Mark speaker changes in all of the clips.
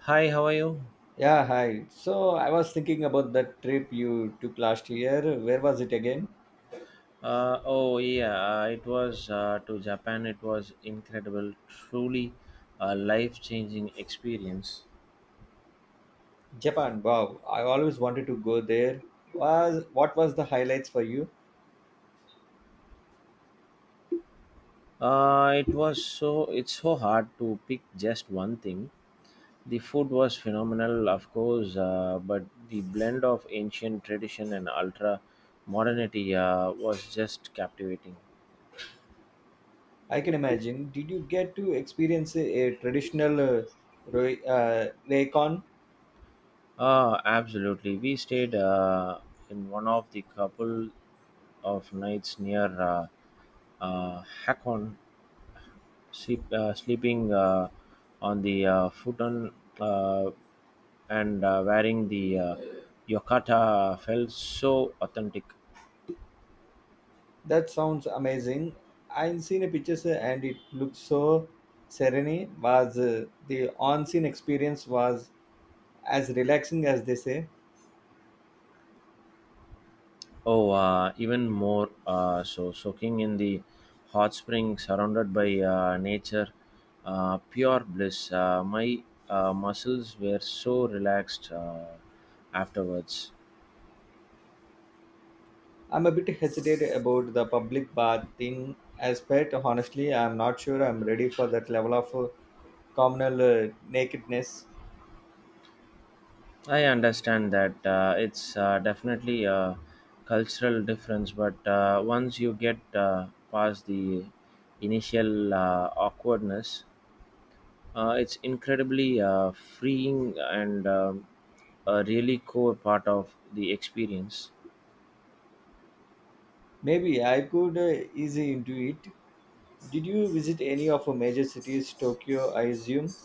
Speaker 1: Hi, how are you?
Speaker 2: Yeah, hi. So I was thinking about that trip you took last year. Where was it again?
Speaker 1: Oh yeah, it was to Japan. It was incredible, truly a life-changing experience.
Speaker 2: Japan. Wow. I always wanted to go there. Was what was the highlights for you?
Speaker 1: It's so hard to pick just one thing. The food was phenomenal, of course, but the blend of ancient tradition and ultra modernity was just captivating.
Speaker 2: I can imagine. Did you get to experience a traditional Raycon?
Speaker 1: Absolutely. We stayed in one of the couple of nights near Hakon, sleeping on the futon uh, and wearing the yokata felt so authentic.
Speaker 2: That sounds amazing. I've seen the pictures and it looks so serene. Was the on-scene experience was as relaxing as they say?
Speaker 1: Oh, Even more so, soaking in the hot spring, surrounded by nature, pure bliss. My muscles were so relaxed afterwards.
Speaker 2: I'm a bit hesitant about the public bath thing aspect. Honestly, I'm not sure I'm ready for that level of communal nakedness.
Speaker 1: I understand that it's definitely a cultural difference, but once you get past the initial awkwardness, it's incredibly freeing and a really core part of the experience.
Speaker 2: Maybe I could ease into it. Did you visit any of the major cities, Tokyo, I assume?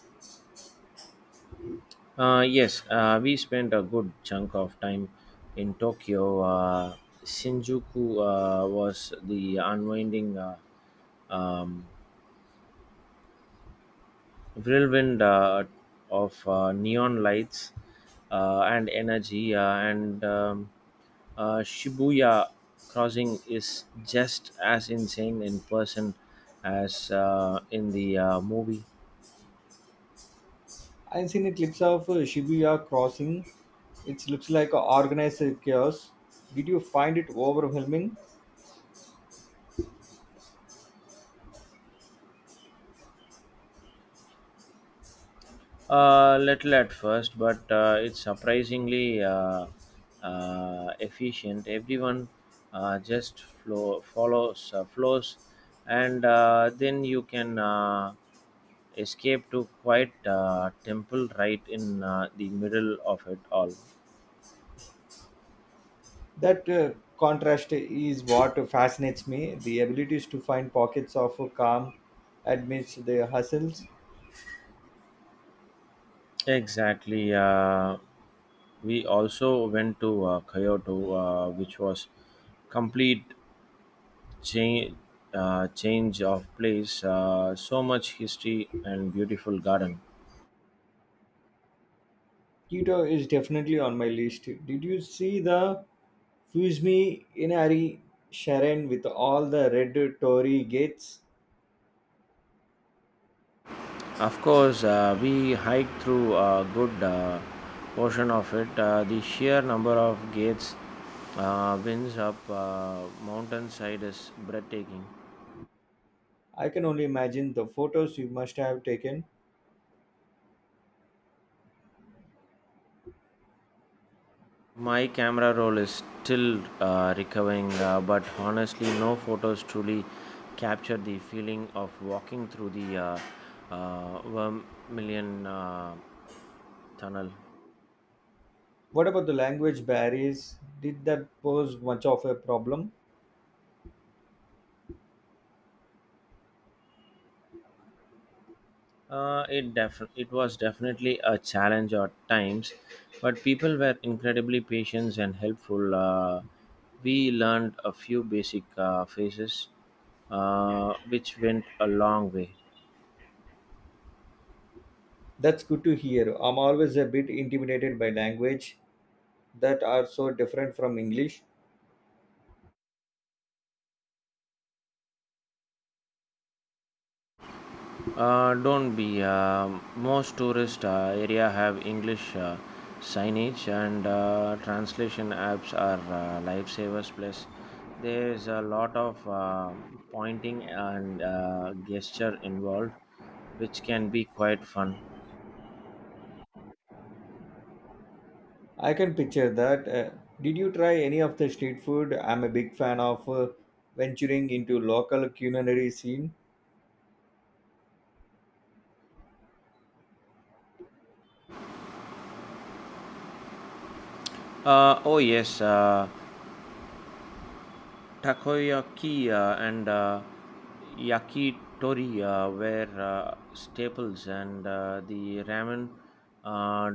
Speaker 1: Yes, we spent a good chunk of time in Tokyo. Shinjuku was the unwinding, um, whirlwind of neon lights and energy, and Shibuya crossing is just as insane in person as in the movie.
Speaker 2: I've seen clips of Shibuya crossing. It looks like a organized chaos. Did you find it overwhelming?
Speaker 1: Little at first, but it's surprisingly efficient. Everyone follows, flows, and then you can. Escape to quiet temple right in the middle of it all.
Speaker 2: That contrast is what fascinates me. The abilities to find pockets of calm amidst the hustles.
Speaker 1: Exactly. We also went to Kyoto, which was complete change change of place. So much history and beautiful garden.
Speaker 2: Keto is definitely on my list. Did you see the Fusmi Inari Sharon with all the red Tory gates?
Speaker 1: Of course, we hiked through a good portion of it. The sheer number of gates, winds up mountainside is breathtaking.
Speaker 2: I can only imagine the photos you must have taken.
Speaker 1: My camera roll is still recovering, but honestly, no photos truly capture the feeling of walking through the Vermilion Tunnel.
Speaker 2: What about the language barriers? Did that pose much of a problem?
Speaker 1: It was definitely a challenge at times, but people were incredibly patient and helpful. We learned a few basic phrases, which went a long way.
Speaker 2: That's good to hear. I'm always a bit intimidated by language that are so different from English.
Speaker 1: Don't be. Most tourist area have English signage and translation apps are lifesavers. Plus, there is a lot of pointing and gesture involved, which can be quite fun.
Speaker 2: I can picture that. Did you try any of the street food? I'm a big fan of venturing into local culinary scene.
Speaker 1: Uh, oh yes. Uh, Takoyaki and yakitori were staples, and the ramen. Uh,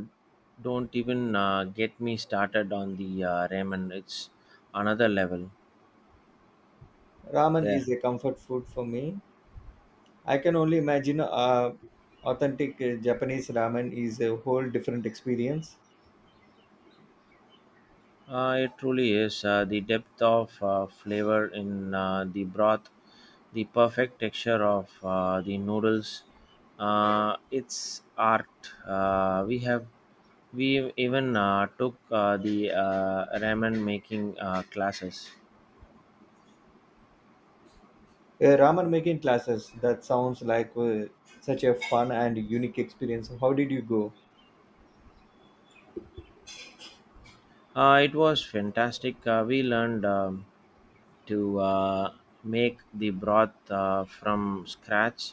Speaker 1: don't even get me started on the ramen. It's another level
Speaker 2: Ramen is
Speaker 1: there.
Speaker 2: a comfort food for me. I can only imagine authentic Japanese ramen is a whole different experience.
Speaker 1: It truly is. The depth of flavor in the broth, the perfect texture of the noodles, it's art. We even took the ramen making classes.
Speaker 2: Ramen making classes, that sounds like such a fun and unique experience. How did you go?
Speaker 1: It was fantastic. We learned to make the broth from scratch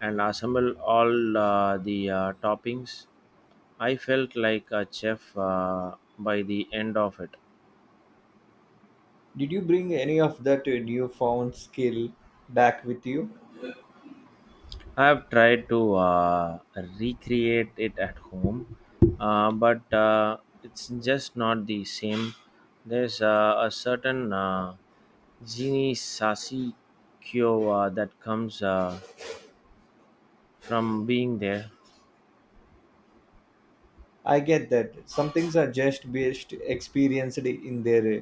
Speaker 1: and assemble all the toppings. I felt like a chef by the end of it.
Speaker 2: Did you bring any of that newfound skill back with you?
Speaker 1: I've tried to recreate it at home, but it's just not the same. There's a certain genie sasi kyo that comes from being there.
Speaker 2: I get that. Some things are just best experienced in their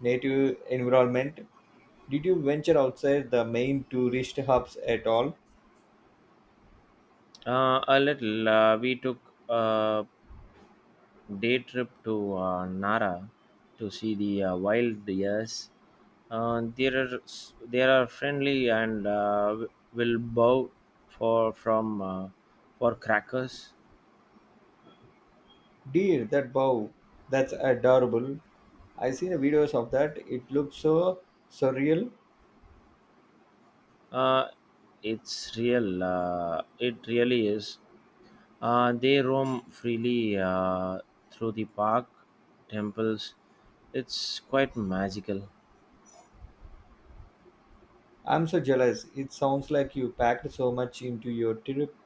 Speaker 2: native environment. Did you venture outside the main tourist hubs at all?
Speaker 1: A little, we took a day trip to Nara to see the wild deers. There are friendly and will bow for from uh, for crackers.
Speaker 2: Dear, that bow, that's adorable. I seen the videos of that. It looks so surreal.
Speaker 1: Uh, it's real. It really is. They roam freely through the park, temples. It's quite magical.
Speaker 2: I'm so jealous. It sounds like you packed so much into your trip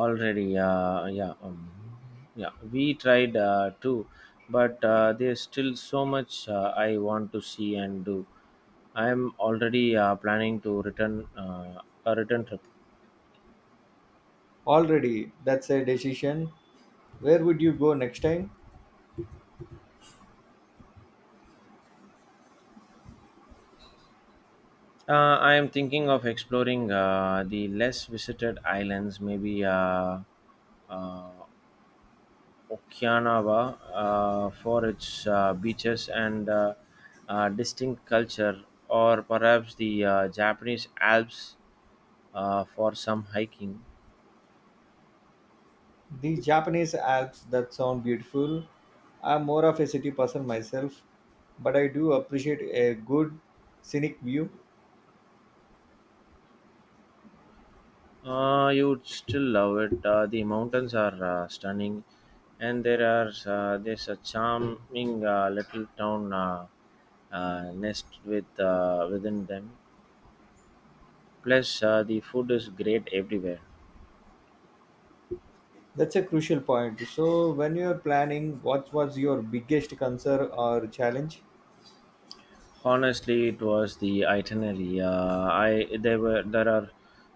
Speaker 1: Already, yeah, we tried too, but there's still so much I want to see and do. I'm already planning to return, a return trip.
Speaker 2: already. That's a decision. Where would you go next time?
Speaker 1: I am thinking of exploring the less visited islands, maybe uh, Okinawa for its beaches and distinct culture, or perhaps the Japanese Alps for some hiking.
Speaker 2: The Japanese Alps, that sound beautiful. I'm more of a city person myself, but I do appreciate a good scenic view.
Speaker 1: You would still love it. The mountains are stunning, and there's a charming little town nest with within them. Plus, the food is great everywhere.
Speaker 2: That's a crucial point. So, when you're planning, what was your biggest concern or challenge?
Speaker 1: Honestly, it was the itinerary. I there were There are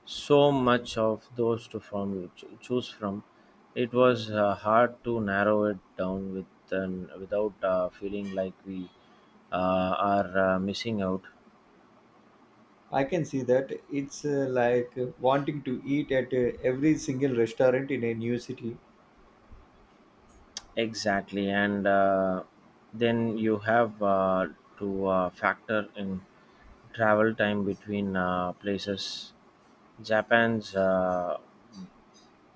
Speaker 1: so much of those to choose from. It was hard to narrow it down with an, without feeling like we are missing out.
Speaker 2: I can see that. It's like wanting to eat at every single restaurant in a new city.
Speaker 1: Exactly, and then you have to factor in travel time between places. Japan's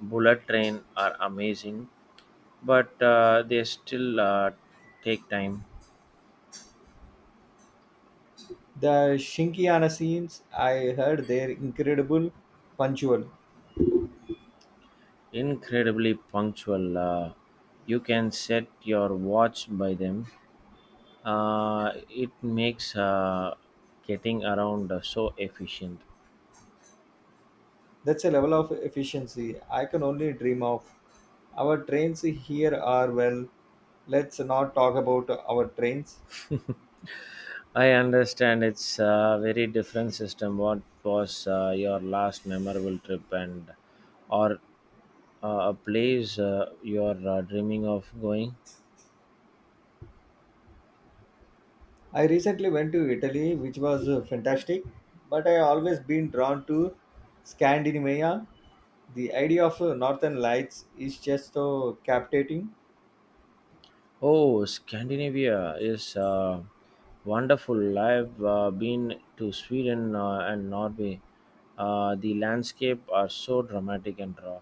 Speaker 1: bullet train are amazing, but they still take time.
Speaker 2: The Shinkiana scenes, I heard they're incredible, punctual.
Speaker 1: Incredibly punctual. You can set your watch by them. It makes getting around so efficient.
Speaker 2: That's a level of efficiency I can only dream of. Our trains here are, well, let's not talk about our trains.
Speaker 1: I understand it's a very different system. What was your last memorable trip, and or a place you are dreaming of going?
Speaker 2: I recently went to Italy, which was fantastic, but I always been drawn to Scandinavia. The idea of northern lights is just so captivating.
Speaker 1: Oh, Scandinavia is wonderful. I've been to Sweden and Norway. The landscape are so dramatic and raw.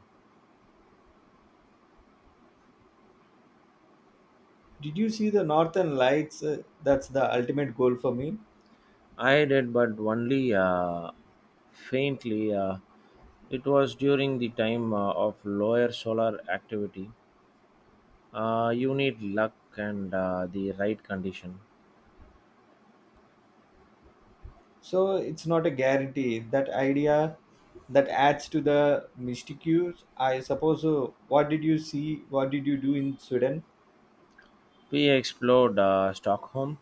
Speaker 2: Did you see the northern lights? That's the ultimate goal for me.
Speaker 1: I did, but only faintly. It was during the time of lower solar activity. You need luck and the right condition.
Speaker 2: So it's not a guarantee. That idea, that adds to the mystique, I suppose. What did you see? What did you do in Sweden?
Speaker 1: We explored Stockholm,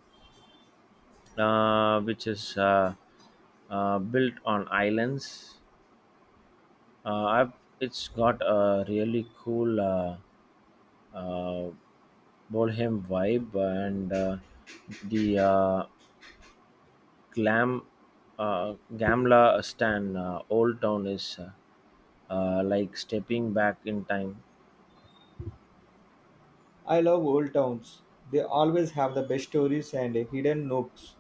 Speaker 1: which is built on islands. Uh, I've, it's got a really cool uh, bohem vibe, and the glam Gamla Stan Old Town is like stepping back in time.
Speaker 2: I love old towns. They always have the best stories and hidden nooks.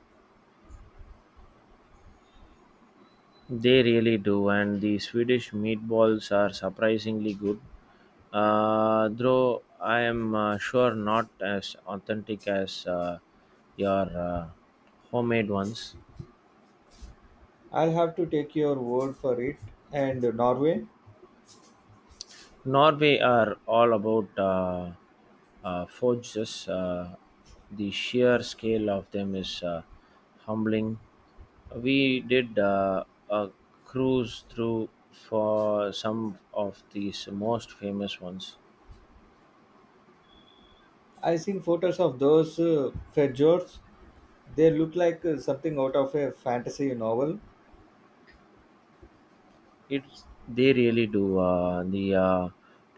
Speaker 1: They really do, and the Swedish meatballs are surprisingly good. Though I am sure not as authentic as your homemade ones.
Speaker 2: I'll have to take your word for it. And Norway?
Speaker 1: Norway are all about forges. The sheer scale of them is humbling. We did a cruise through for some of these most famous ones.
Speaker 2: I've seen photos of those fjords. They look like something out of a fantasy novel.
Speaker 1: It's They really do. The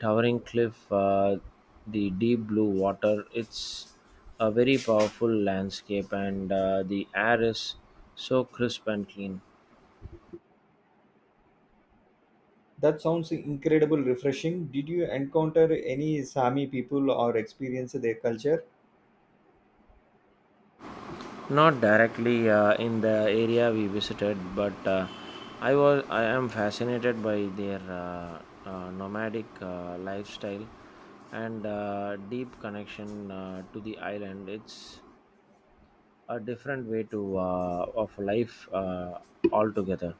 Speaker 1: towering cliff, the deep blue water. It's a very powerful landscape, and the air is so crisp and clean.
Speaker 2: That sounds incredible, refreshing. Did you encounter any Sami people or experience their culture?
Speaker 1: Not directly in the area we visited, but I am fascinated by their nomadic lifestyle and deep connection to the island. It's a different way to of life altogether.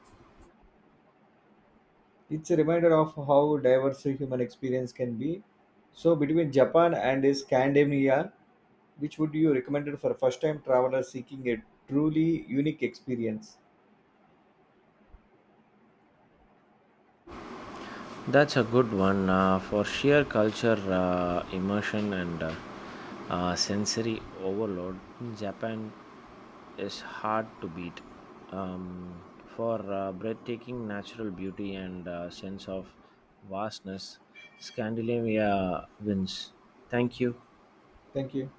Speaker 2: It's a reminder of how diverse human experience can be. So, between Japan and Scandinavia, which would you recommend for first-time travelers seeking a truly unique experience?
Speaker 1: That's a good one. For sheer culture immersion and sensory overload, Japan is hard to beat. um, for breathtaking natural beauty and sense of vastness, Scandinavia wins. Thank you.
Speaker 2: Thank you.